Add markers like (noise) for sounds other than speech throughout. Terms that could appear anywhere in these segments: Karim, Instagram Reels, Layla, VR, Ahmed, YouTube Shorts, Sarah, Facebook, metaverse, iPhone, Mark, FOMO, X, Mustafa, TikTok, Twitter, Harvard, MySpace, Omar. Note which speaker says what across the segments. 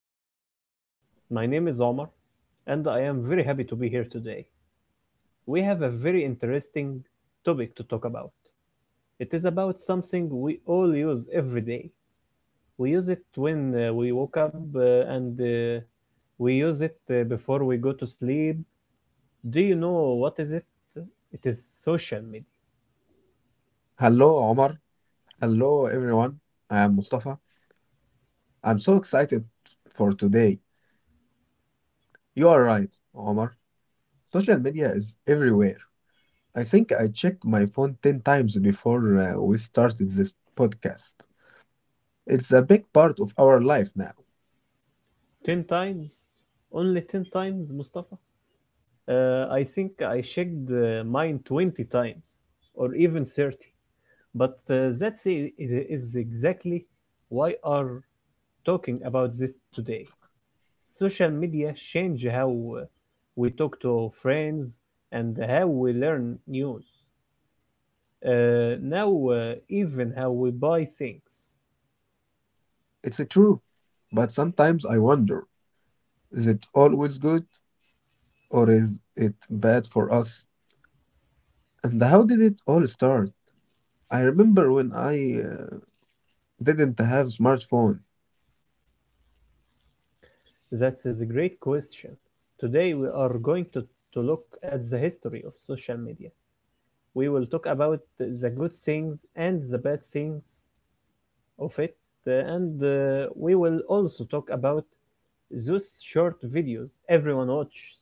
Speaker 1: our podcast. My name is Omar, and I am very happy to be here today. We have a very interesting topic to talk about. It is about something we all use every day. We use it when we woke up, and we use it before we go to sleep. Do you know what is it? It is social media.
Speaker 2: Hello, Omar. Hello, everyone. I am Mustafa. I'm so excited for today. You are right, Omar. Social media is everywhere. I think I checked my phone 10 times before we started this podcast. It's a big part of our life now.
Speaker 1: Ten times, only ten times, Mustafa. I think I checked mine 20 times or even 30. But that's is exactly why are talking about this today. Social media change how uh, we talk to our friends and how we learn news. Now even how we buy things.
Speaker 2: It's true. But sometimes I wonder, is it always good or is it bad for us? And how did it all start? I remember when I didn't have smartphone.
Speaker 1: That is a great question. Today we are going to look at the history of social media. We will talk about the good things and the bad things of it, and we will also talk about those short videos everyone watches.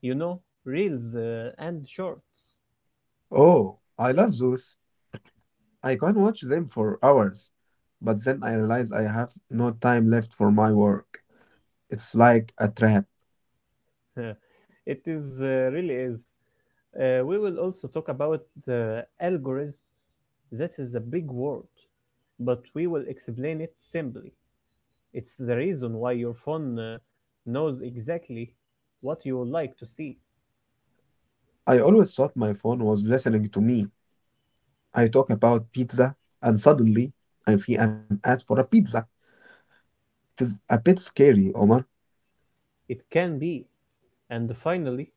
Speaker 1: You know, reels and shorts.
Speaker 2: Oh, I love those. I could watch them for hours, but then I realized I have no time left for my work. It's like a trap.
Speaker 1: (laughs) it is really is. We will also talk about the algorithm. That is a big word, but we will explain it simply. It's the reason why your phone knows exactly what you would like to see.
Speaker 2: I always thought my phone was listening to me. I talk about pizza, and suddenly I see an ad for a pizza. It is a bit scary, Omar.
Speaker 1: It can be. And finally,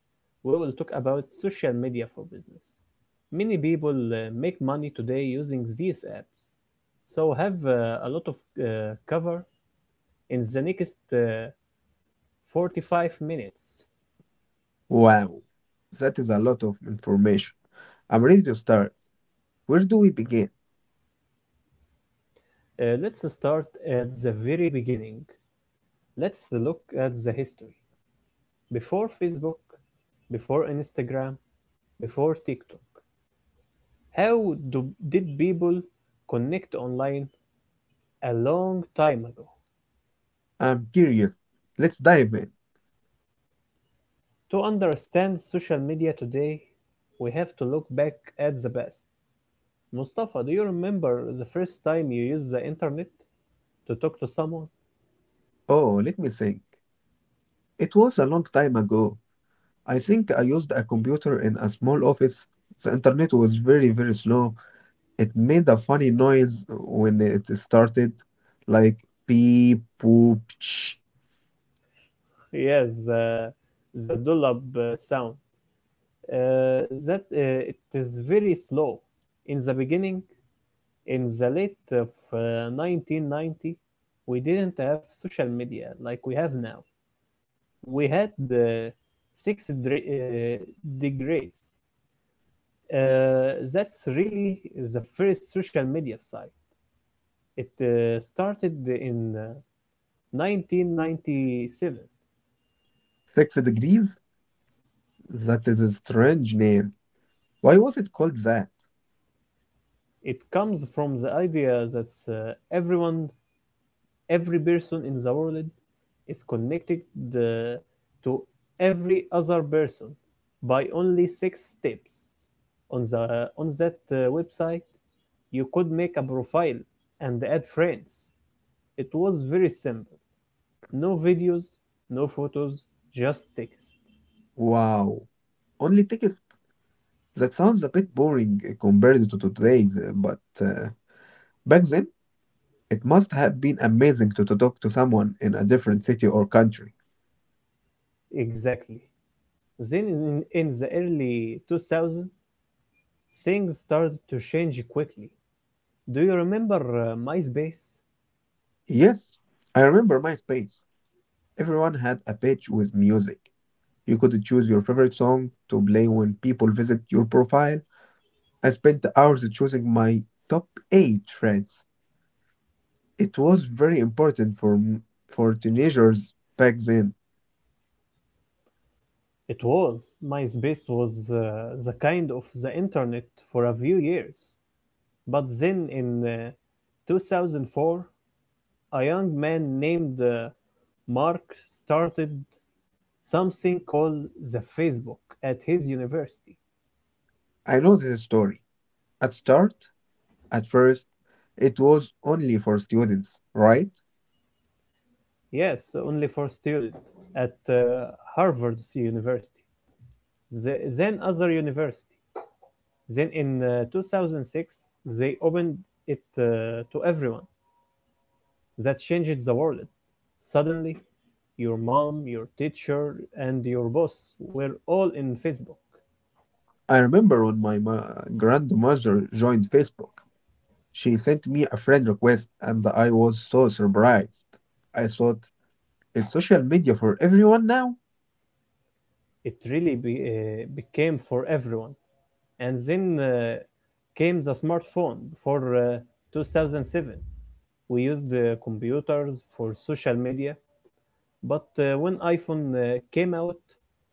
Speaker 1: we will talk about social media for business. Many people make money today using these apps, so have a lot of cover in the next 45 minutes.
Speaker 2: Wow, that is a lot of information. I'm ready to start. Where do we begin?
Speaker 1: Let's start at the very beginning. Let's look at the history. Before Facebook, before Instagram, before TikTok. How did people connect online a long time ago?
Speaker 2: I'm curious. Let's dive in.
Speaker 1: To understand social media today, we have to look back at the past. Mustafa, do you remember the first time you used the internet to talk to someone? (laughs)
Speaker 2: Oh, let me think. It was a long time ago. I think I used a computer in a small office. The internet was very, very slow. It made a funny noise when it started, like beep, boop, ch.
Speaker 1: Yes, the dollop sound. That It is very slow. In the beginning, in the late of 1990, we didn't have social media like we have now. We had six dre- uh, degrees. That's really the first social media site. It started in 1997.
Speaker 2: Six degrees? That is a strange name. Why was it called that?
Speaker 1: It comes from the idea that everyone, every person in the world is connected uh, to every other person by only six steps. On that website, you could make a profile and add friends. It was very simple, no videos, no photos, just text.
Speaker 2: Wow. Only tickets? That sounds a bit boring compared to today's, but back then, it must have been amazing to talk to someone in a different city or country.
Speaker 1: Exactly. Then in the early 2000s, things started to change quickly. Do you remember MySpace?
Speaker 2: Yes, I remember MySpace. Everyone had a page with music. You could choose your favorite song to play when people visit your profile. I spent hours choosing my top eight friends. It was very important for teenagers back then.
Speaker 1: It was. MySpace was the kind of the internet for a few years. But then in 2004, a young man named Mark started something called the Facebook at his university.
Speaker 2: I know this story. At start, at first, it was only for students, right?
Speaker 1: Yes, only for students at Harvard's university. Then other university. Then in 2006, they opened it to everyone. That changed the world. Suddenly, your mom, your teacher, and your boss were all in Facebook.
Speaker 2: I remember when my grandmother joined Facebook. She sent me a friend request and I was so surprised. I thought, it's social media for everyone now?
Speaker 1: It really became for everyone. And then came the smartphone for 2007. We used computers for social media, but when iPhone came out,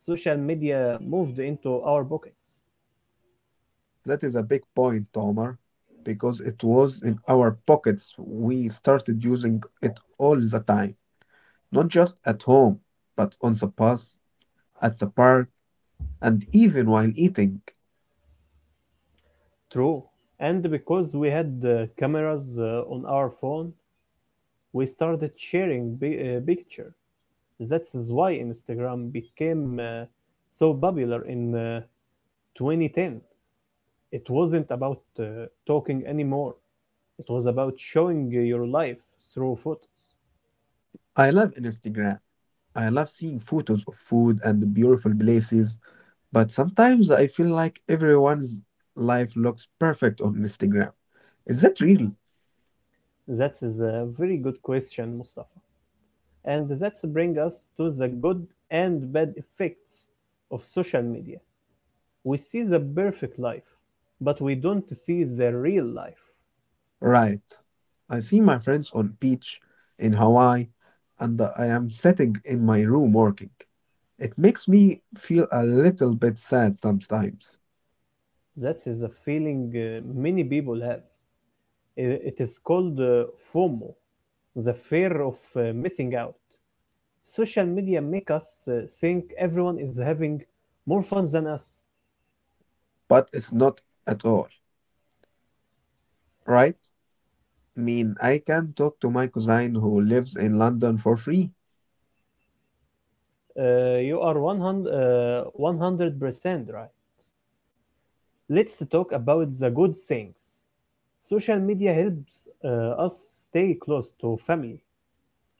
Speaker 1: social media moved into our pockets.
Speaker 2: That is a big point, Omar, because it was in our pockets. We started using it all the time, not just at home, but on the bus, at the park, and even while eating.
Speaker 1: True. And because we had cameras on our phone, we started sharing picture. That is why Instagram became so popular in 2010. It wasn't about talking anymore. It was about showing your life through photos.
Speaker 2: I love Instagram. I love seeing photos of food and beautiful places, but sometimes I feel like everyone's life looks perfect on Instagram. Is that real?
Speaker 1: That is a very good question, Mustafa. And that's bring us to the good and bad effects of social media. We see the perfect life, but we don't see the real life.
Speaker 2: Right. I see my friends on beach in Hawaii and I am sitting in my room working. It makes me feel a little bit sad sometimes.
Speaker 1: That is a feeling many people have. It is called FOMO, the fear of missing out. Social media make us think everyone is having more fun than us.
Speaker 2: But it's not at all, right? I mean, I can talk to my cousin who lives in London for free,
Speaker 1: You are 100% right. Let's talk about the good things. Social media helps us stay close to family.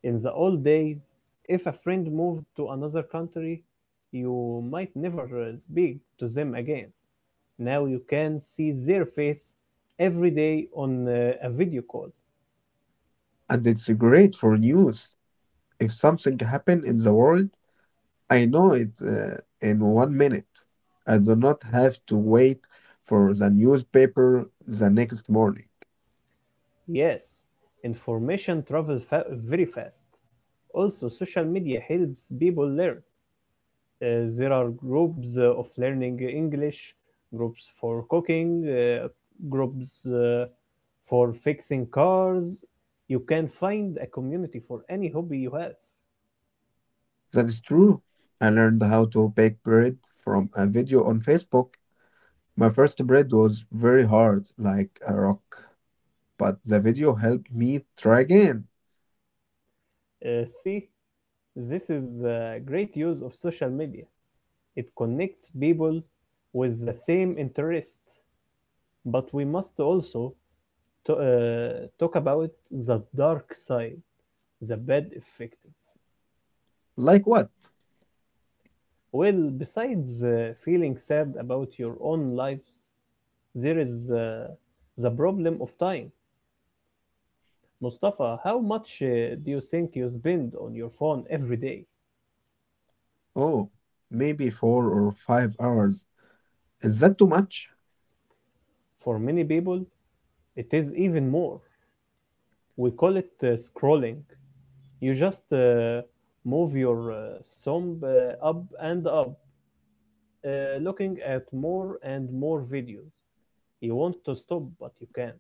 Speaker 1: In the old days, if a friend moved to another country, you might never speak to them again. Now you can see their face every day on a video call.
Speaker 2: and it's great for news. If something happen in the world, I know it in one minute. I do not have to wait for the newspaper the next morning.
Speaker 1: Yes, information travels very fast. Also, social media helps people learn. There are groups of learning English, groups for cooking, groups for fixing cars. You can find a community for any hobby you have.
Speaker 2: That is true. I learned how to bake bread from a video on Facebook. My first bread was very hard, like a rock, but the video helped me try again.
Speaker 1: See, this is a great use of social media. It connects people with the same interest, but we must also to, uh, talk about the dark side, the bad effect.
Speaker 2: Like what?
Speaker 1: Well, besides feeling sad about your own lives, there is the problem of time. Mustafa, how much do you think you spend on your phone every day?
Speaker 2: Oh, maybe 4 or 5 hours. Is that too much?
Speaker 1: For many people, it is even more. We call it scrolling. You just move your thumb up and up, looking at more and more videos. You want to stop, but you can't.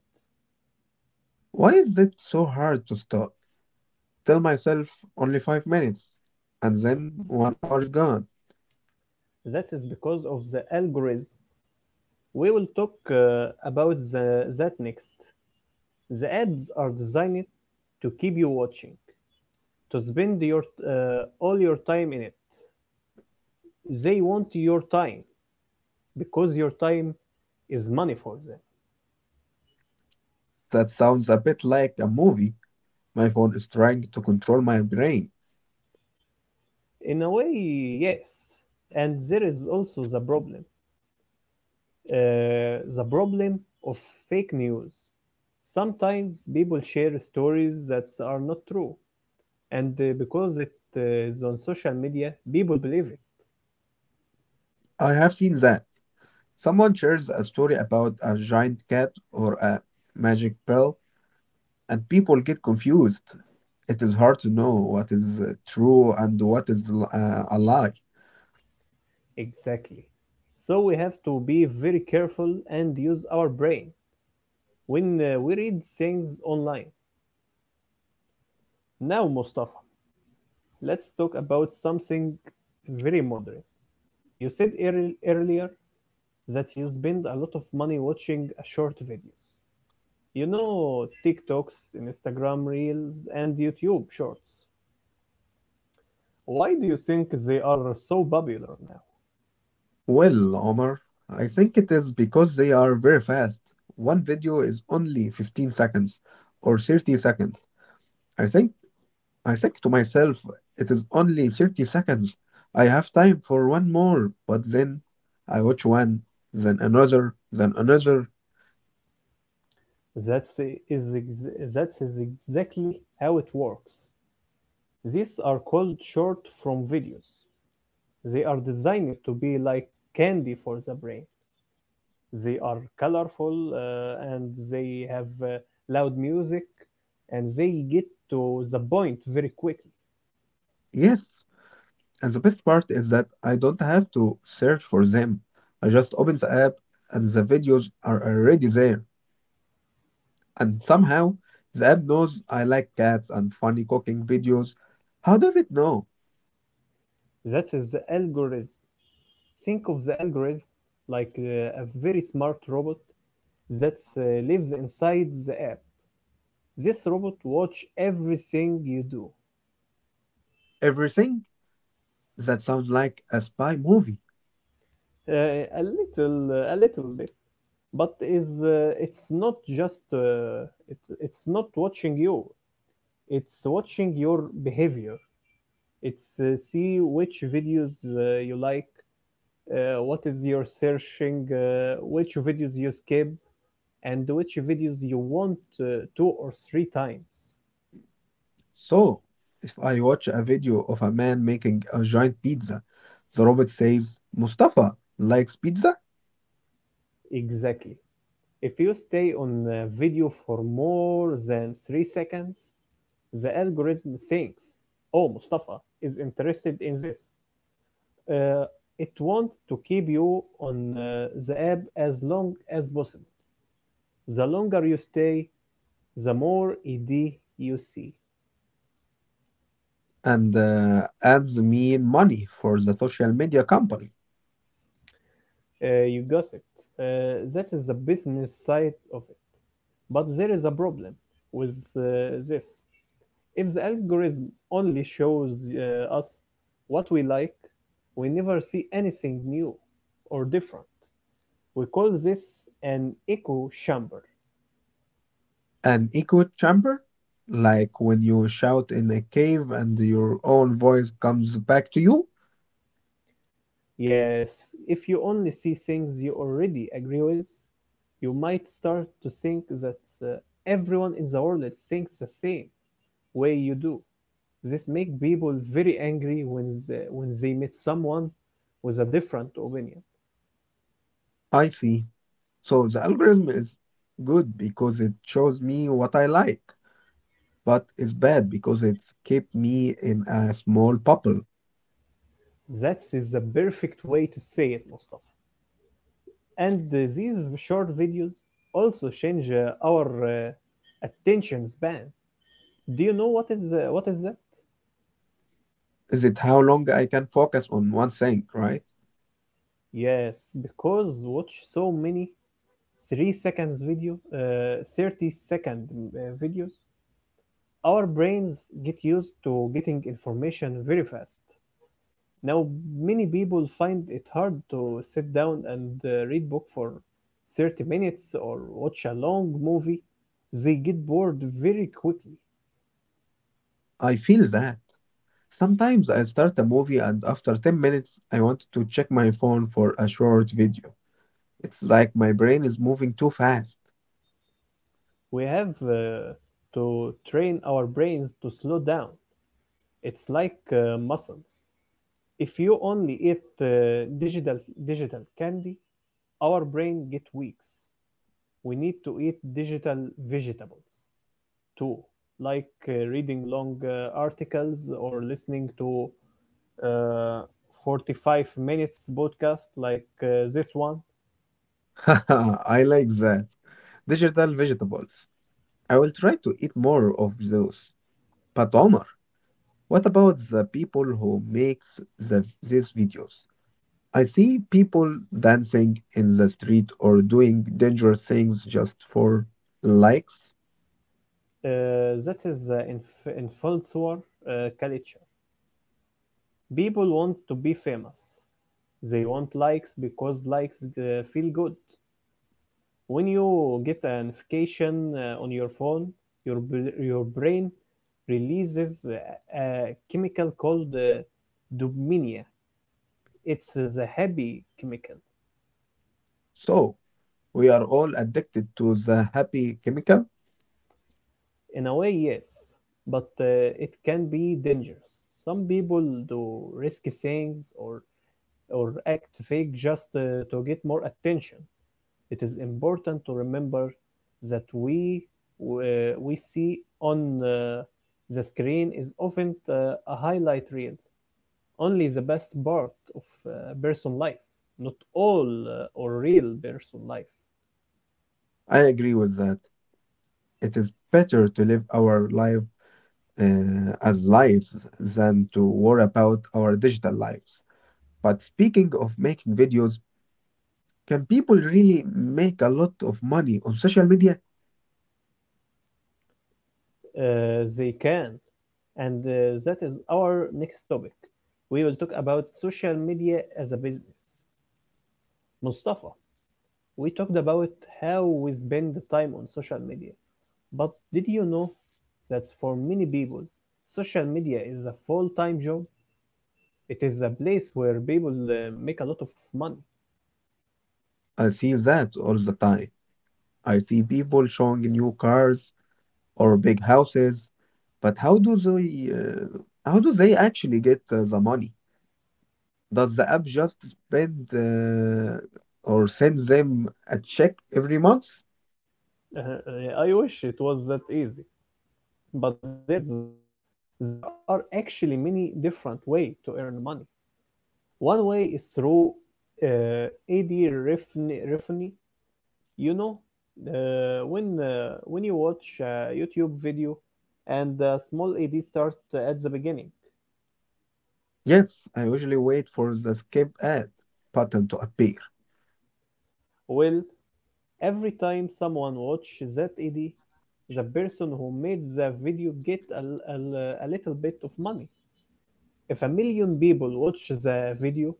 Speaker 2: Why is it so hard to stop? Tell myself only 5 minutes, and then one hour is gone.
Speaker 1: That is because of the algorithm. We will talk about that next. The ads are designed to keep you watching, to spend your all your time in it. They want your time because your time is money for them.
Speaker 2: That sounds a bit like a movie. My phone is trying to control my brain.
Speaker 1: In a way, yes. And there is also the problem of fake news. Sometimes people share stories that are not true, and because it is on social media, people believe it.
Speaker 2: I have seen that. Someone shares a story about a giant cat or a magic pill, and people get confused. It is hard to know what is true and what is a lie.
Speaker 1: Exactly. So we have to be very careful and use our brain when we read things online. Now, Mustafa, let's talk about something very modern. You said earlier that you spend a lot of money watching short videos. You know, TikToks, Instagram Reels, and YouTube Shorts. Why do you think they are so popular now?
Speaker 2: Well, Omar, I think it is because they are very fast. One video is only 15 seconds or 30 seconds. I think I think to myself, it is only 30 seconds. I have time for one more. But then I watch one, then another, then another.
Speaker 1: That's, is ex- that is exactly how it works. These are called short form videos. They are designed to be like candy for the brain. They are colorful and they have loud music and they get to the point very quickly.
Speaker 2: Yes. And the best part is that I don't have to search for them. I just open the app and the videos are already there. And somehow the app knows I like cats and funny cooking videos. How does it know?
Speaker 1: That is the algorithm. Think of the algorithm like a very smart robot that lives inside the app. This robot watch everything you do,
Speaker 2: Everything? That sounds like a spy movie.
Speaker 1: a little bit, but is it's not just it's not watching you. It's watching your behavior. It's see which videos you like, what is your searching, which videos you skip, and which videos you want two or three times.
Speaker 2: So, if I watch a video of a man making a giant pizza, the robot says, Mustafa likes pizza
Speaker 1: Exactly. If you stay on a video for more than 3 seconds, the algorithm thinks, oh, Mustafa is interested in this. Uh, it wants to keep you on the app as long as possible. The longer you stay, the more ED you see.
Speaker 2: and adds me money for the social media company.
Speaker 1: You got it. That is the business side of it. But there is a problem with this. If the algorithm only shows us what we like, we never see anything new or different. We call this an echo chamber.
Speaker 2: An echo chamber, like when you shout in a cave and your own voice comes back to you.
Speaker 1: Yes, if you only see things you already agree with, you might start to think that uh, everyone in the world thinks the same way you do. This make people very angry when they meet someone with a different opinion.
Speaker 2: I see. So the algorithm is good because it shows me what I like, but it's bad because it's kept me in a small bubble.
Speaker 1: That is the perfect way to say it, Mustafa. And these short videos also change our attention span. Do you know what is that?
Speaker 2: Is it how long I can focus on one thing, right?
Speaker 1: Yes, because watch so many 3 seconds video, 30 second videos, our brains get used to getting information very fast. Now, many people find it hard to sit down and read book for 30 minutes or watch a long movie. They get bored very quickly.
Speaker 2: I feel that. Sometimes I start a movie and after 10 minutes, I want to check my phone for a short video. It's like my brain is moving too fast.
Speaker 1: We have to train our brains to slow down. It's like muscles. If you only eat digital digital candy, our brain get weaks. We need to eat digital vegetables too, like reading long articles or listening to uh, 45 minutes podcast like this one.
Speaker 2: (laughs) I like that. Digital vegetables. I will try to eat more of those. But Omar, what about the people who makes these videos? I see people dancing in the street or doing dangerous things just for likes.
Speaker 1: That is inf- influencer culture. People want to be famous. They want likes because likes feel good. When you get a notification on your phone, your brain releases a chemical called dopamine. It's the happy chemical.
Speaker 2: So we are all addicted to the happy chemical.
Speaker 1: In a way, yes, but it can be dangerous. Some people do risky things or act fake just to get more attention. It is important to remember that we see on the screen is often a highlight reel, only the best part of person life, not all or real person life.
Speaker 2: I agree with that. It is better to live our life as lives than to worry about our digital lives. But speaking of making videos, can people really make a lot of money on social media?
Speaker 1: They can. And that is our next topic. We will talk about social media as a business. Mustafa, we talked about how we spend time on social media. But did you know that for many people, social media is a full time job? It is a place where people make a lot of money.
Speaker 2: I see that all the time. I see people showing new cars or big houses, but how do they actually get the money? Does the app just spend or send them a check every month?
Speaker 1: (laughs) I wish it was that easy. But there is. There are actually many different ways to earn money. One way is through ad You know, when you watch a YouTube video and a small ad start at the beginning.
Speaker 2: Yes, I usually wait for the skip ad button to appear.
Speaker 1: Well, every time someone watches that ad, the person who made the video get a little bit of money. If a million people watch the video,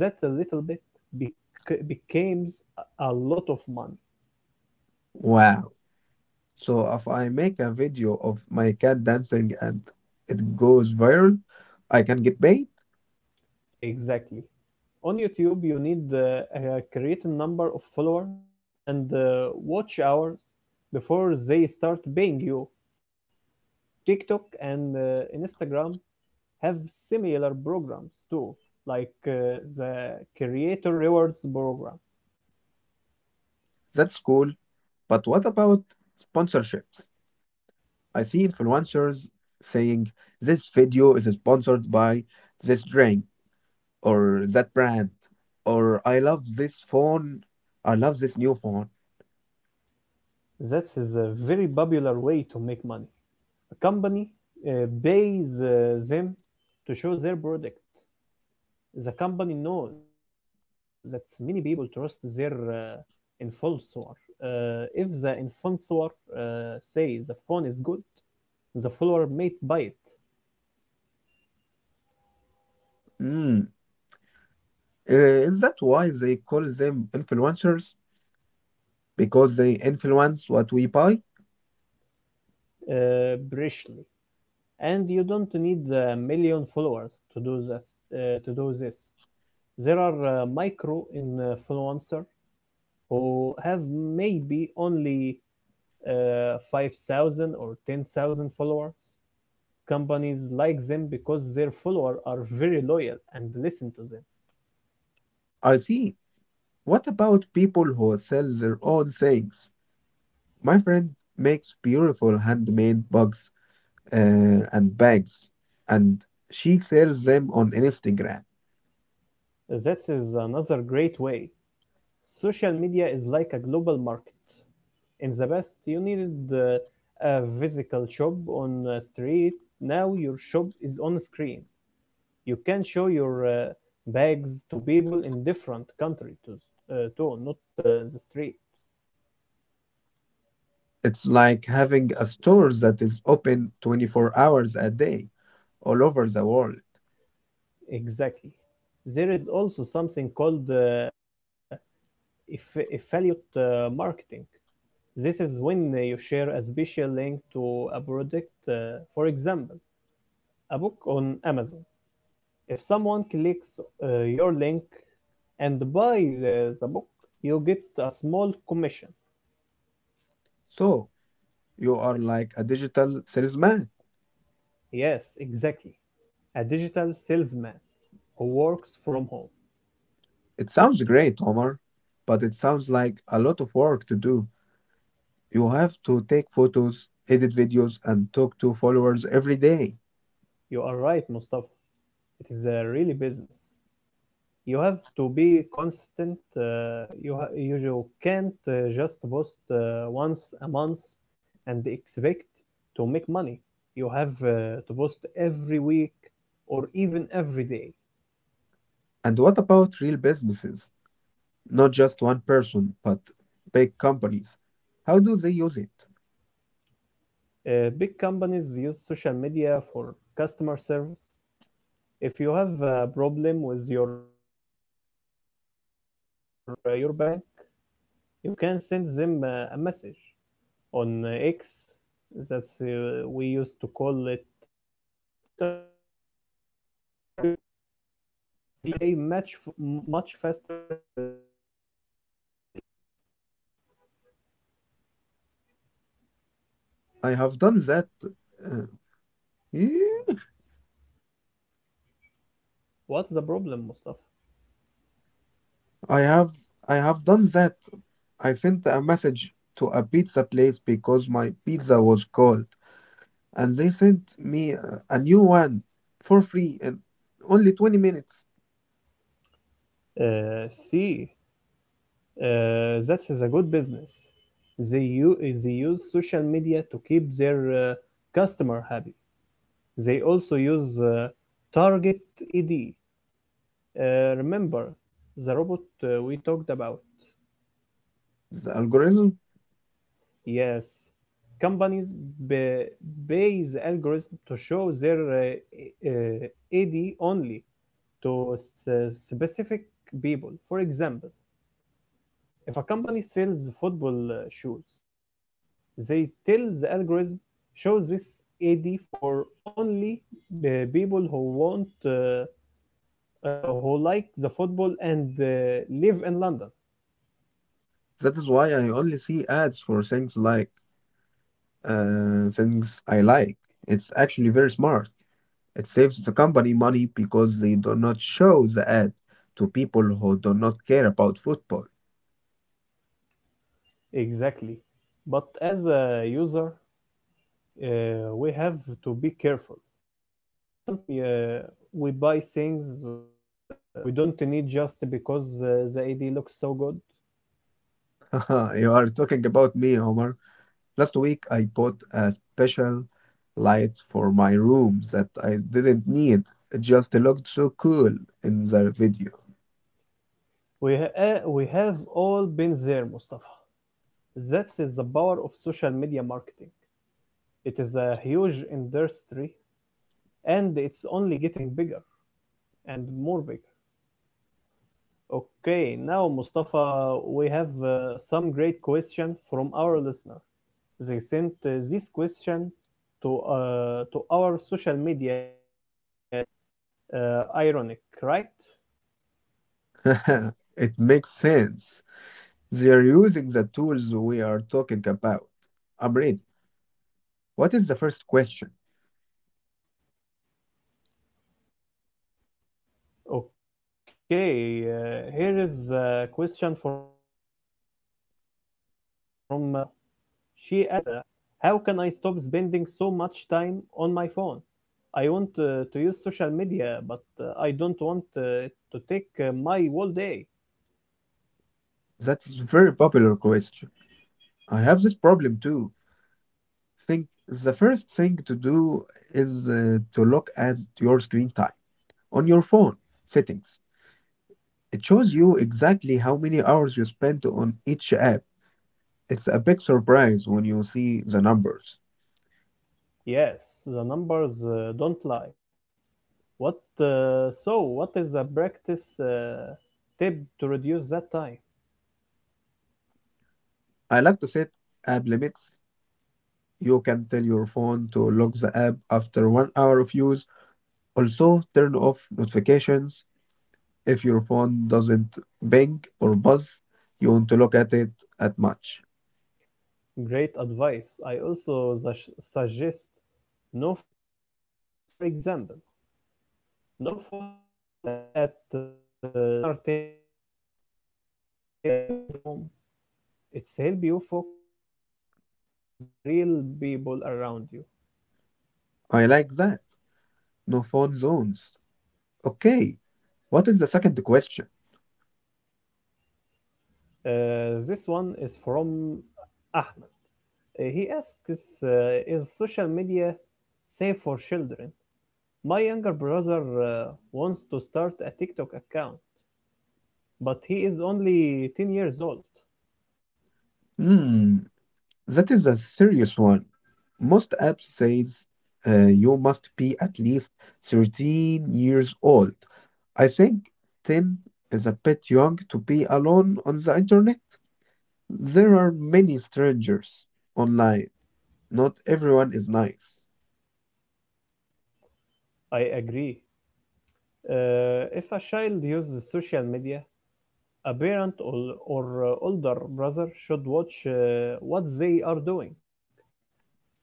Speaker 1: that a little bit becomes a lot of money.
Speaker 2: Wow. So if I make a video of my cat dancing and it goes viral, I can get paid?
Speaker 1: Exactly. On YouTube, you need a certain number of followers and watch hours before they start paying you. TikTok and Instagram have similar programs too, like the Creator Rewards program.
Speaker 2: That's cool. But what about sponsorships? I see influencers saying this video is sponsored by this drink or that brand, or I love this new phone.
Speaker 1: That is a very popular way to make money. A company pays them to show their product. The company knows that many people trust their influencer. If the influencer say the phone is good, the follower may buy it
Speaker 2: Mm. Is that why they call them influencers? Because they influence what we buy?
Speaker 1: briefly. And you don't need a million followers to do this. Uh, to do this, there are micro influencer who have maybe only 5,000 or 10,000 followers. Companies like them because their followers are very loyal and listen to
Speaker 2: I see. What about people who sell their own things? My friend makes beautiful handmade bags uh, and bags, and she sells them on Instagram.
Speaker 1: them. That is another great way. Social media is like a global market. In the past, you needed a physical shop on a street. Now your shop is on a screen. You can show your bags to people in different countries too, not the street.
Speaker 2: It's like having a store that is open 24 hours a day all over the world.
Speaker 1: Exactly. There is also something called affiliate marketing. This is when you share a special link to a product, for example, a book on Amazon. If someone clicks your link and buys the book, you get a small commission.
Speaker 2: So you are like a digital salesman.
Speaker 1: Yes, exactly. A digital salesman who works from home.
Speaker 2: It sounds great, Omar, but it sounds like a lot of work to do. You have to take photos, edit videos, and talk to followers every day.
Speaker 1: You are right, Mustafa. It is a really business. You have to be constant. You ha- you ju- Can't just post once a month and expect to make money. You have to post every week or even every day.
Speaker 2: And what about real businesses? Not just one person, but big companies. How do they use it?
Speaker 1: Big companies use social media for customer service. If you have a problem with your uh, flight or your bank, you can send them a message on X. That's we used to call it Twitter or Facebook. They usually reply much faster than if you send an email.
Speaker 2: I have done that. uh, yeah,
Speaker 1: What's the problem, Mustafa?
Speaker 2: I have I have done that. I sent a message to a pizza place because my pizza was cold, and they sent me a new one for free in only 20 minutes.
Speaker 1: See, that's a good business. They, u- they use social media to keep their customer happy. They also use Target ED. Remember the robot we talked about?
Speaker 2: The algorithm,
Speaker 1: Yes, companies ba- base algorithms to show their uh, uh, ad only to specific people. For example, if a company sells football shoes, they tell the algorithm show this ad for only people who want uh, who like the football and live in London.
Speaker 2: that is why I only see ads for things like things I like. It's actually very smart. It saves the company money because they do not show the ad to people who do not care about football.
Speaker 1: Exactly. But as a user, we have to be careful. Sometimes we buy things we don't need just because the ID looks so good.
Speaker 2: (laughs) You are talking about me, Omar. Last week, I bought a special light for my room that I didn't need. It just looked so cool in the video.
Speaker 1: We have all been there, Mustafa. That's is the power of social media marketing. It is a huge industry and it's only getting bigger and more bigger. Okay, now Mustafa, we have some great question from our listener. They sent this question to our social media pages. Ironic, right?
Speaker 2: (laughs) It makes sense. They're using the tools we are talking about. I'm ready. What is the first question?
Speaker 1: Okay, here is a question from Sarah. She asks, how can I stop spending so much time on my phone? I want to use social media, but I don't want it to take my whole day.
Speaker 2: That's a very popular question. I have this problem too. Think the first thing to do is to look at your screen time on your phone settings. It shows you exactly how many hours you spent on each app. It's a big surprise when you see the numbers.
Speaker 1: Yes, the numbers don't lie. What so? What is the practice tip to reduce that time?
Speaker 2: I like to set app limits. You can tell your phone to lock the app after one hour of use. Also, turn off notifications. If your phone doesn't ping or buzz, you want to look at it at much.
Speaker 1: Great advice. I also suggest no phone zones. For example, no phones at the dinner table, or in the bedroom. It's help you focus on the real people around you.
Speaker 2: I like that. No phone zones. Okay, what is the second question?
Speaker 1: This one is from Ahmed. He asks, "Is social media safe for children? My younger brother wants to start a TikTok account, but he is only 10 years old."
Speaker 2: Hmm. That is a serious one. Most apps says you must be at least 13 years old. I think 10 is a bit young to be alone on the internet. There are many strangers online. Not everyone is nice.
Speaker 1: I agree. If a child uses social media, a parent or older brother should watch what they are doing.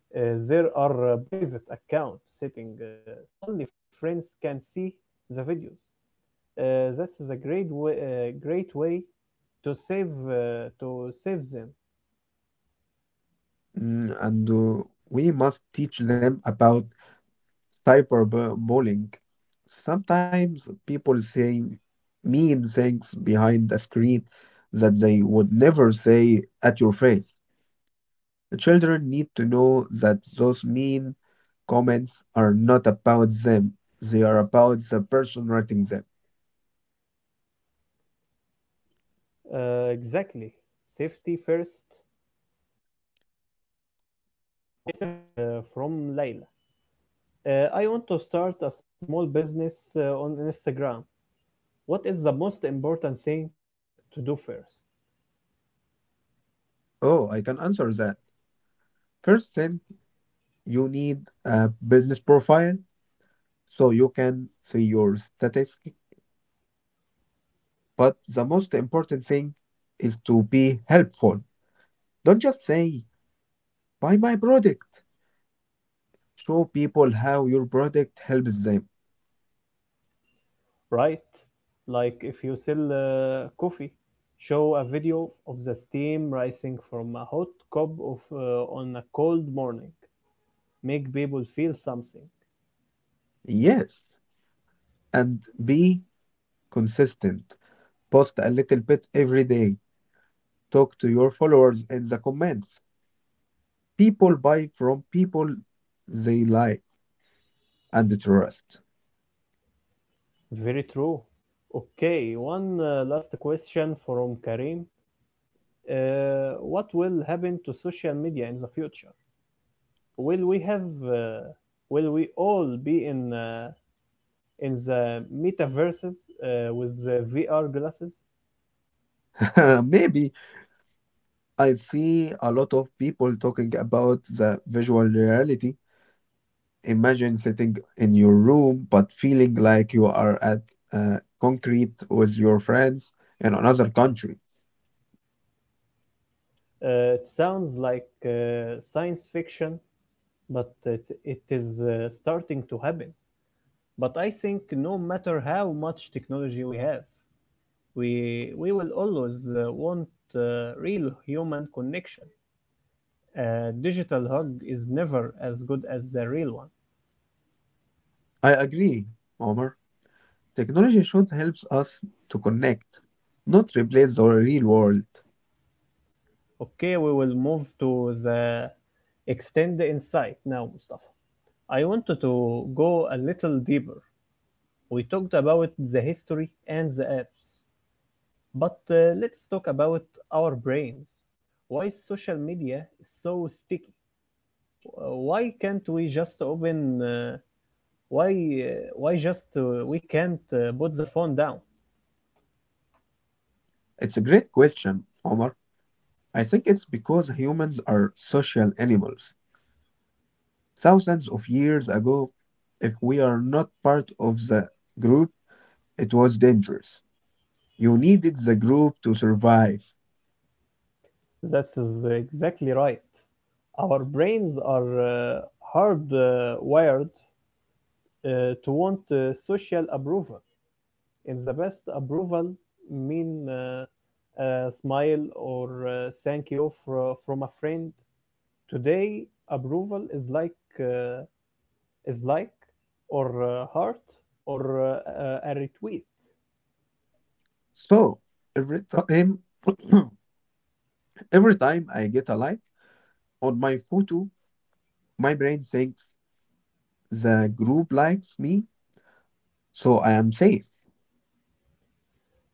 Speaker 1: uh, there are private account setting, so only friends can see the videos. That is a great way, Great way to save them.
Speaker 2: And we must teach them about cyberbullying. Sometimes people say mean things behind the screen that they would never say at your face. Children need to know that those mean comments are not about them, they are about the person writing them.
Speaker 1: Exactly, safety first. Okay, my third question is from Layla. I want to start a small business on Instagram. What is the most important thing to do first?
Speaker 2: Oh, I can answer that. First thing, you need a business profile so you can see your status. But the most important thing is to be helpful. Don't just say, buy my product. Show people how your product helps them.
Speaker 1: Right? Like if you sell coffee, show a video of the steam rising from a hot cup of on a cold morning. Make people feel something.
Speaker 2: Yes. And be consistent. Post a little bit every day. Talk to your followers in the comments. People buy from people they like and trust.
Speaker 1: Very true. Okay, one last question from Karim. What will happen to social media in the future? Will we have? Will we all be in the metaverses with the VR glasses?
Speaker 2: (laughs) Maybe. I see a lot of people talking about the visual reality. Imagine sitting in your room but feeling like you are at concrete with your friends in another country.
Speaker 1: It sounds like science fiction, but it is starting to happen. But I think no matter how much technology we have, we will always want real human connection. A digital hug is never as good as the real one.
Speaker 2: I agree, Omar. Technology should help us to connect, not replace the real world.
Speaker 1: Okay, we will move to the extend the insight now, Mustafa. I wanted to go a little deeper. We talked about the history and the apps, but let's talk about our brains. Why is social media is so sticky? Why can't we just open? Why why just we can't put the phone down?
Speaker 2: It's a great question, Omar. I think it's because humans are social animals. Thousands of years ago, if we are not part of the group, it was dangerous. You needed the group to survive.
Speaker 1: That is exactly right. Our brains are hardwired wired, to want social approval. In the best approval mean a smile or thank you from a friend. Today, approval is uh, is like or a heart or a retweet.
Speaker 2: So every time, (coughs) (clears throat) every time I get a like on my photo, my brain thinks the group likes me, so I am safe.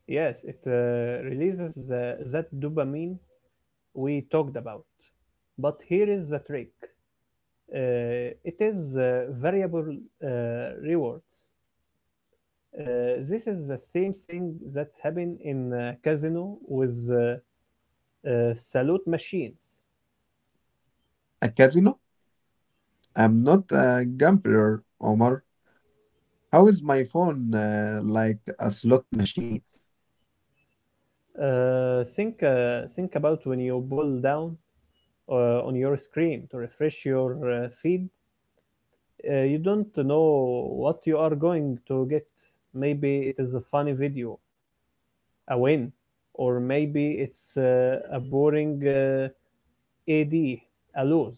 Speaker 1: Yes, it releases that dopamine we talked about. But here is the trick. Uh, it is variable uh, rewards. This is the same thing that's happened in casino with salute machines.
Speaker 2: A casino? I'm not a gambler, Omar. How is my phone like a slot machine?
Speaker 1: Think about when you pull down on your screen to refresh your feed. You don't know what you are going to get. Maybe it is a funny video, a win, or maybe it's a boring ad, a lose,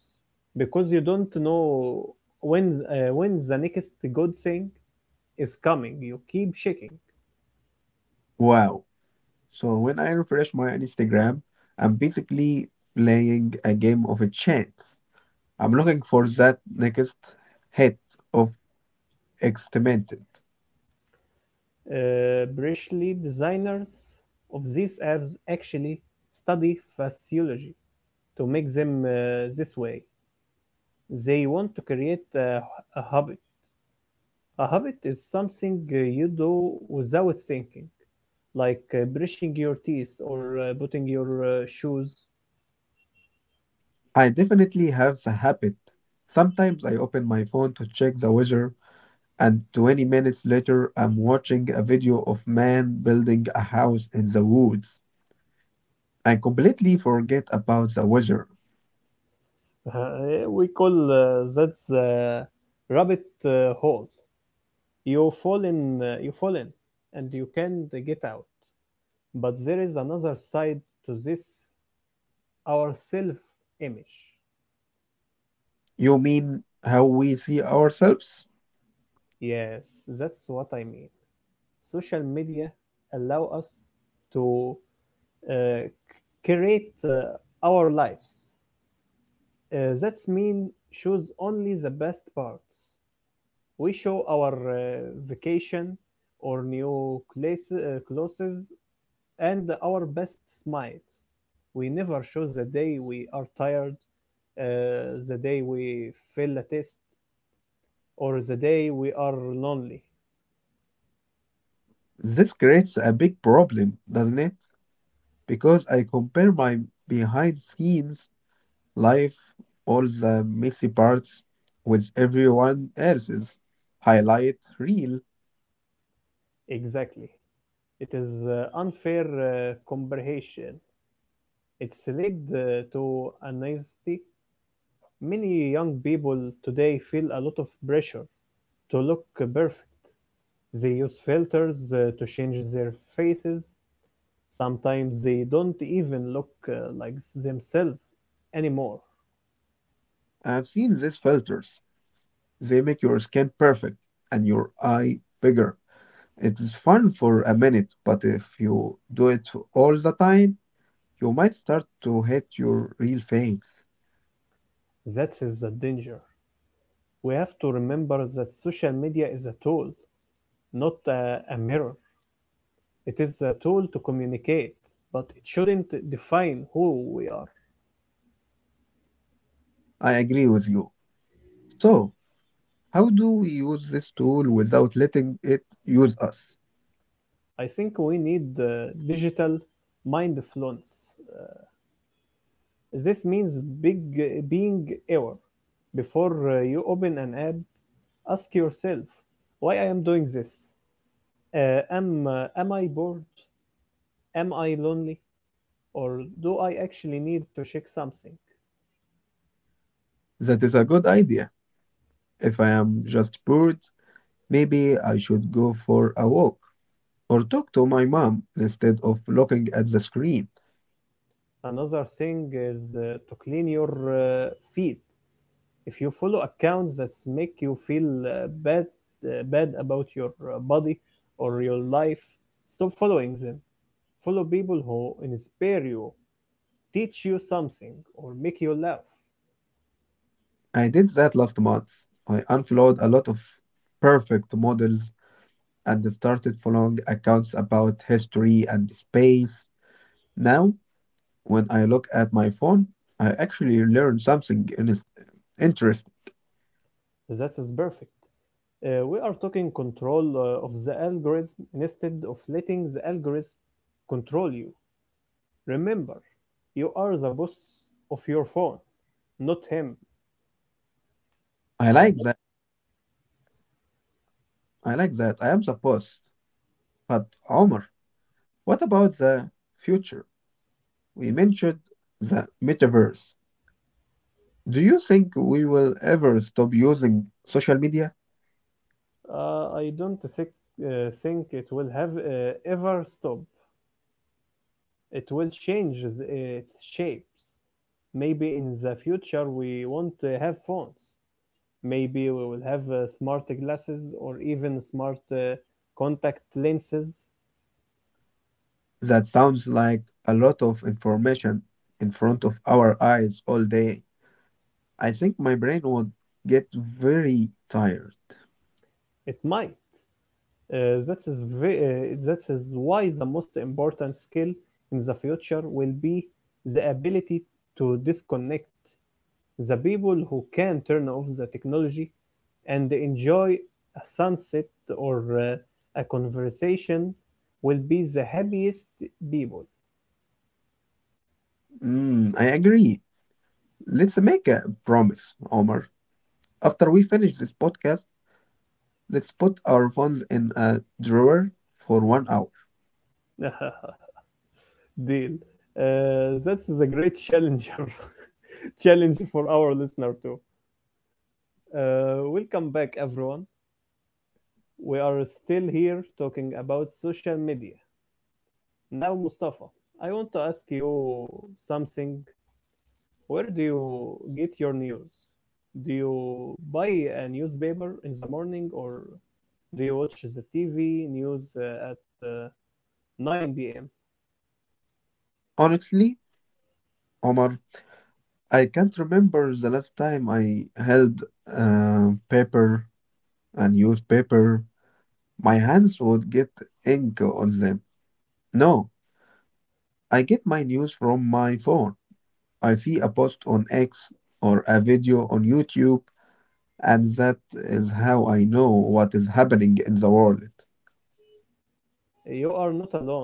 Speaker 1: because you don't know when the next good thing is coming. You keep shaking.
Speaker 2: Wow. So when I refresh my Instagram, I'm basically playing a game of a chance. I'm looking for that next hit of exterminated.
Speaker 1: Brishly designers of these apps actually study physiology to make them this way. They want to create a habit. A habit is something you do without thinking, like brushing your teeth or putting your shoes.
Speaker 2: I definitely have the habit. Sometimes I open my phone to check the weather, and 20 minutes later, I'm watching a video of man building a house in the woods. I completely forget about the weather.
Speaker 1: (laughs) We call that the rabbit hole. You fall in, and you can't get out. But there is another side to this our self-image.
Speaker 2: You mean how we see ourselves?
Speaker 1: Yes, that's what I mean. Social media allow us to uh, create our lives. That's mean shows only the best parts. We show our vacation or new place, clothes and our best smile. We never show the day we are tired, the day we fail a test, or the day we are lonely.
Speaker 2: This creates a big problem, doesn't it? Because I compare my behind scenes life, all the messy parts, with everyone else's highlight reel.
Speaker 1: Exactly. It is unfair comparison. It's led to anxiety. Many young people today feel a lot of pressure to look perfect. They use filters to change their faces. Sometimes they don't even look like themselves anymore.
Speaker 2: I've seen these filters. They make your skin perfect and your eye bigger. It is fun for a minute, but if you do it all the time, you might start to hate your real face.
Speaker 1: That is the danger. We have to remember that social media is a tool, not a mirror. It is a tool to communicate, but it shouldn't define who we are.
Speaker 2: I agree with you. So, how do we use this tool without letting it use us?
Speaker 1: I think we need digital mindfulness. This means being aware. Before you open an app, ask yourself, why I am doing this? Am I bored? Am I lonely or do I actually need to check something?
Speaker 2: That is a good idea. If I am just bored, maybe I should go for a walk, or talk to my mom instead of looking at the screen.
Speaker 1: Another thing is to clean your feed. If you follow accounts that make you feel bad about your body or your life, stop following them. Follow people who inspire you, teach you something, or make you laugh.
Speaker 2: I did that last month. I unfollowed a lot of perfect models and started following accounts about history and space. Now, when I look at my phone, I actually learn something interesting.
Speaker 1: That is perfect. We are talking control of the algorithm instead of letting the algorithm control you. Remember, you are the boss of your phone, not him.
Speaker 2: I
Speaker 1: Or
Speaker 2: like that. I like that. I am the boss. But Omar, what about the future? We mentioned the metaverse. Do you think we will ever stop using social media?
Speaker 1: not. Uh, I don't think, uh, think it will have ever stop. It will change its shapes. Maybe in the future we won't have phones. Maybe we will have smart glasses or even smart contact lenses.
Speaker 2: That sounds like a lot of information in front of our eyes all day. I think my brain would get very tired.
Speaker 1: It might. That is why the most important skill in the future will be the ability to disconnect. The people who can turn off the technology and enjoy a sunset or a conversation will be the happiest people.
Speaker 2: Mm, I agree. Let's make a promise, Omar. After we finish this podcast, let's put our phones in a drawer for 1 hour.
Speaker 1: (laughs) Deal. That's a great challenger (laughs) challenge for our listener too. Welcome back everyone. We are still here talking about social media. Now, Mustafa, I want to ask you something. Where do you get your news? Do you buy a newspaper in the morning or do you watch the TV news at 9 p.m.?
Speaker 2: Honestly, Omar, I can't remember the last time I held paper, a newspaper. My hands would get ink on them. No, I get my news from my phone. I see a post on X or a video on YouTube, and that is how I know what is happening in the world.
Speaker 1: You are not alone.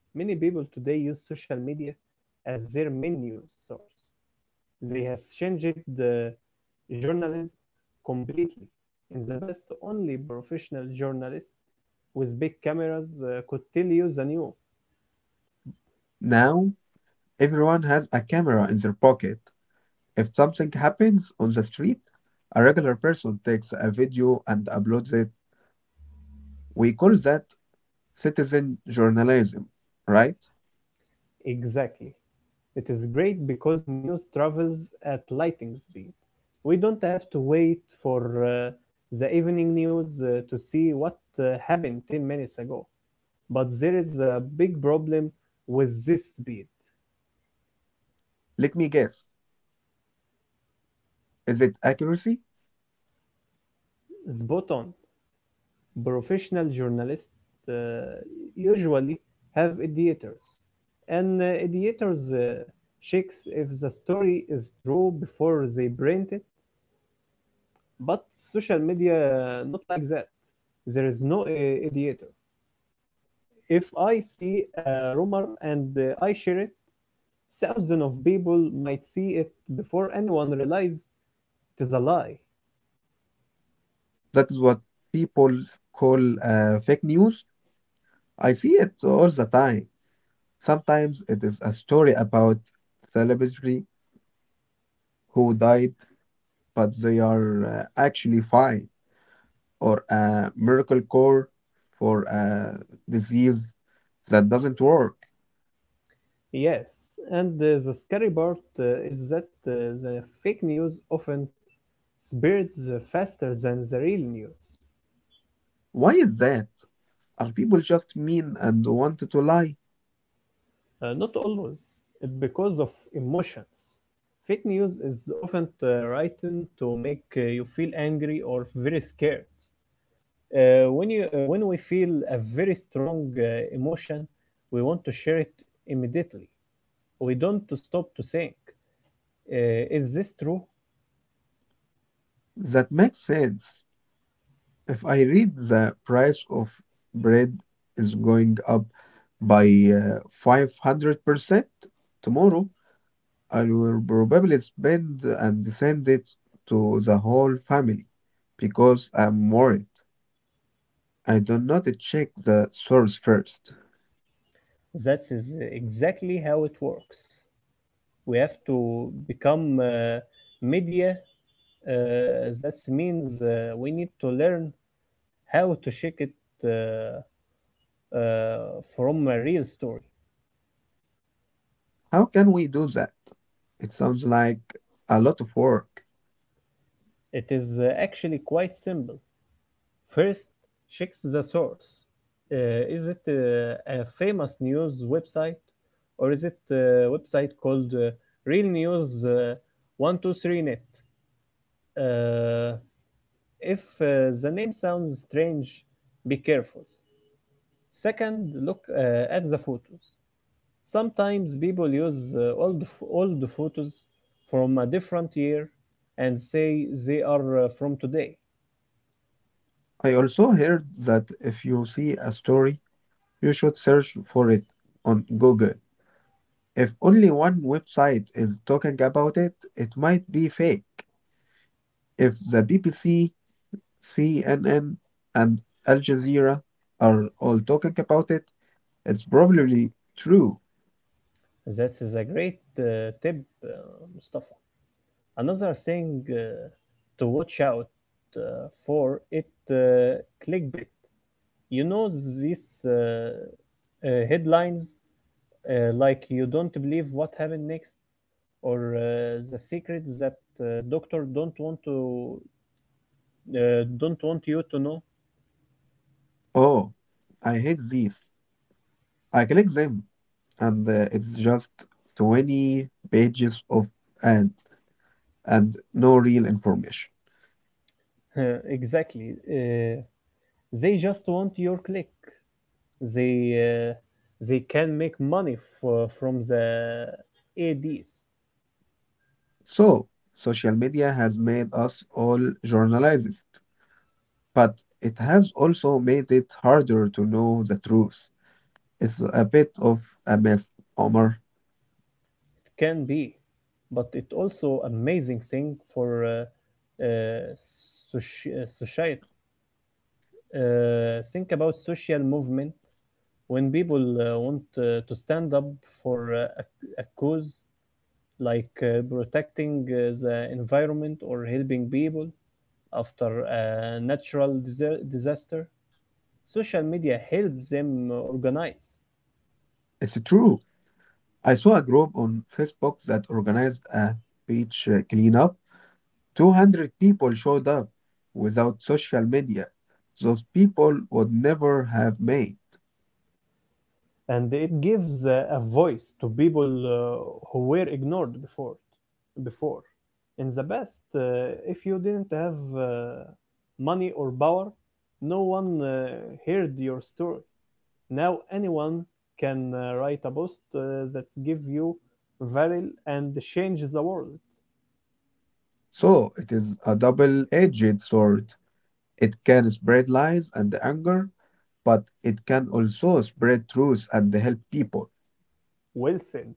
Speaker 1: Many people today use social media as their main news source. They have changed the journalism completely. In the past, only professional journalists with big cameras could tell you the news.
Speaker 2: Now, everyone has a camera in their pocket. If something happens on the street, a regular person takes a video and uploads it. We call that citizen journalism, right?
Speaker 1: Exactly. It is great because news travels at lightning speed. We don't have to wait for the evening news to see what happened 10 minutes ago. But there is a big problem with this speed.
Speaker 2: Let me guess. Is it accuracy?
Speaker 1: Spot on. Professional journalists uh, usually have editors, and editors checks if the story is true before they print it. But social media not like that. There is no editor. If I see a rumor and I share it, thousands of people might see it before anyone realizes it is a lie.
Speaker 2: That is what people call fake news. I see it all the time. Sometimes it is a story about celebrity who died, but they are actually fine, or a miracle cure for a disease that doesn't work.
Speaker 1: Yes, and the scary part is that the fake news often Spirits faster than the real news.
Speaker 2: Why is that? Are people just mean and want to lie?
Speaker 1: Not always, because of emotions. Fake news is often written to make you feel angry or very scared. When we feel a very strong emotion, we want to share it immediately. We don't to stop to think, is this true?
Speaker 2: That makes sense. If I read the price of bread is going up by 500% tomorrow, I will probably spend and send it to the whole family because I'm worried. I do not check the source first.
Speaker 1: That is exactly how it works. We have to become media. That means we need to learn how to check it uh, uh, from a real story.
Speaker 2: How can we do that? It sounds like a lot of work.
Speaker 1: It is actually quite simple. First, check the source. Is it a famous news website or is it a website called Real News 123net? Uh, if the name sounds strange, be careful. Second, look at the photos. Sometimes people use old photos from a different year and say they are from today.
Speaker 2: I also heard that if you see a story, you should search for it on Google. If only one website is talking about it, it might be fake. If the BBC, CNN, and Al Jazeera are all talking about it, it's probably true.
Speaker 1: That is a great tip, uh, Mustafa. Another thing to watch out uh, for it uh, clickbait. You know these headlines like "You don't believe what happened next" or "The secret that doctor don't want to don't want you to know."
Speaker 2: Oh, I hate these. I click them and it's just 20 pages of ads and no real information.
Speaker 1: (laughs) Exactly. They just want your click. They uh, they can make money from the ads. It
Speaker 2: So, social media has made us all journalists, but it has also made it harder to know the truth. It's a bit of a mess, Omar.
Speaker 1: can be, but it also amazing thing for uh, society. Think about social movement when people want to stand up for a cause like protecting the environment or helping people after a natural disaster, social media helps them organize.
Speaker 2: It's true. I saw a group on Facebook that organized a beach cleanup. 200 people showed up without social media. Those people would never have made.
Speaker 1: And it gives a voice to people who were ignored before in the past. Uh, if you didn't have money or power, no one heard your story. Now anyone can write a post that gives you viral and changes the world.
Speaker 2: So it is a double-edged sword. It can spread lies and anger, but it can also spread truth and help people.
Speaker 1: Well said.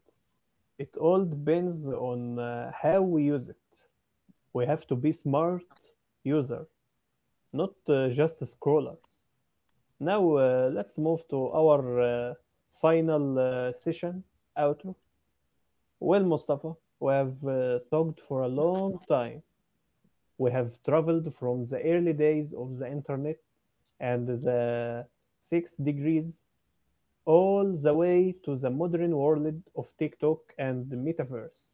Speaker 1: It all depends on how we use it. We have to be smart user, not just scrollers. Now let's move to our final session, Outro. Well, Mustafa, we have talked for a long time. We have traveled from the early days of the internet and the six degrees all the way to the modern world of TikTok and the metaverse.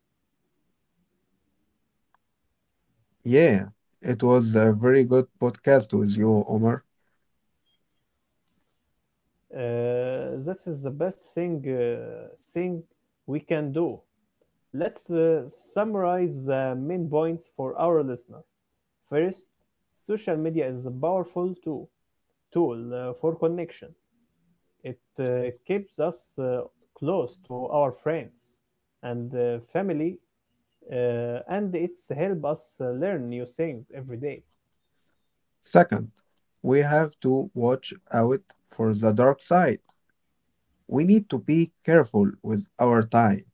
Speaker 2: Yeah, it was a very good podcast with you, Omar.
Speaker 1: This is the best thing we can do. Let's summarize the main points for our listener. First, social media is a powerful tool for connection. It keeps us close to our friends and family, and it's help us learn new things every day.
Speaker 2: Second, we have to watch out for the dark side. We need to be careful with our time,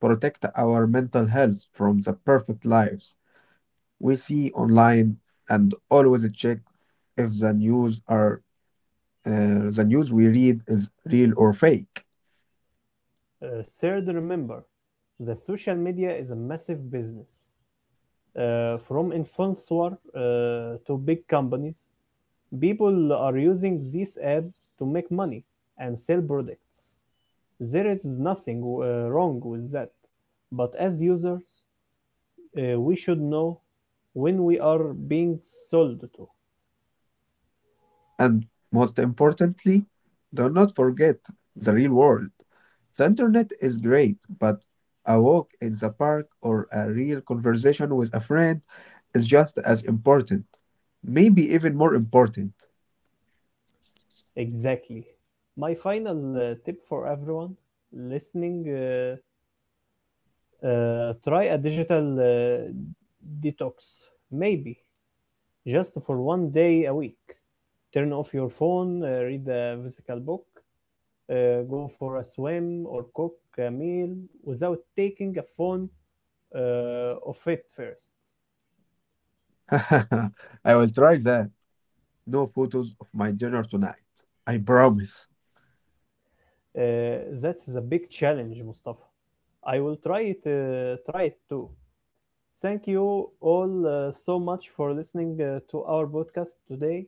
Speaker 2: protect our mental health from the perfect lives we see online, and always check if the news are the news we read is real or fake.
Speaker 1: Third, remember, the social media is a massive business, from influencers to big companies. People are using these apps to make money and sell products. There is nothing wrong with that, but as users, we should know when we are being sold to.
Speaker 2: And most importantly, do not forget the real world. The internet is great, but a walk in the park or a real conversation with a friend is just as important, maybe even more important.
Speaker 1: Exactly. My final tip for everyone listening, try a digital detox. Maybe just for one day a week. Turn off your phone, read a physical book, go for a swim, or cook a meal without taking a phone off it first.
Speaker 2: (laughs) I will try that. No photos of my dinner tonight. I promise.
Speaker 1: That's a big challenge, Mustafa. I will try it, too. Thank you all so much for listening to our podcast today.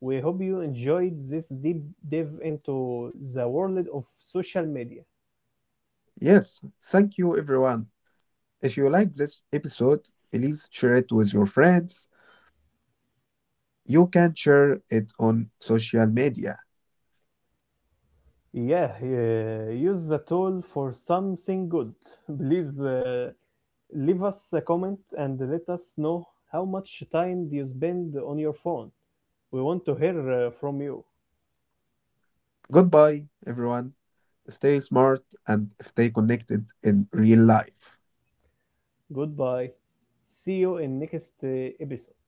Speaker 1: We hope you enjoyed this deep dive into the world of social media.
Speaker 2: Yes, thank you everyone. If you like this episode, please share it with your friends. You can share it on social media.
Speaker 1: Yeah, yeah, use the tool for something good. (laughs) Please leave us a comment and let us know how much time do you spend on your phone. We want to hear from you.
Speaker 2: Goodbye, everyone. Stay smart and stay connected in real life.
Speaker 1: Goodbye. See you in next episode.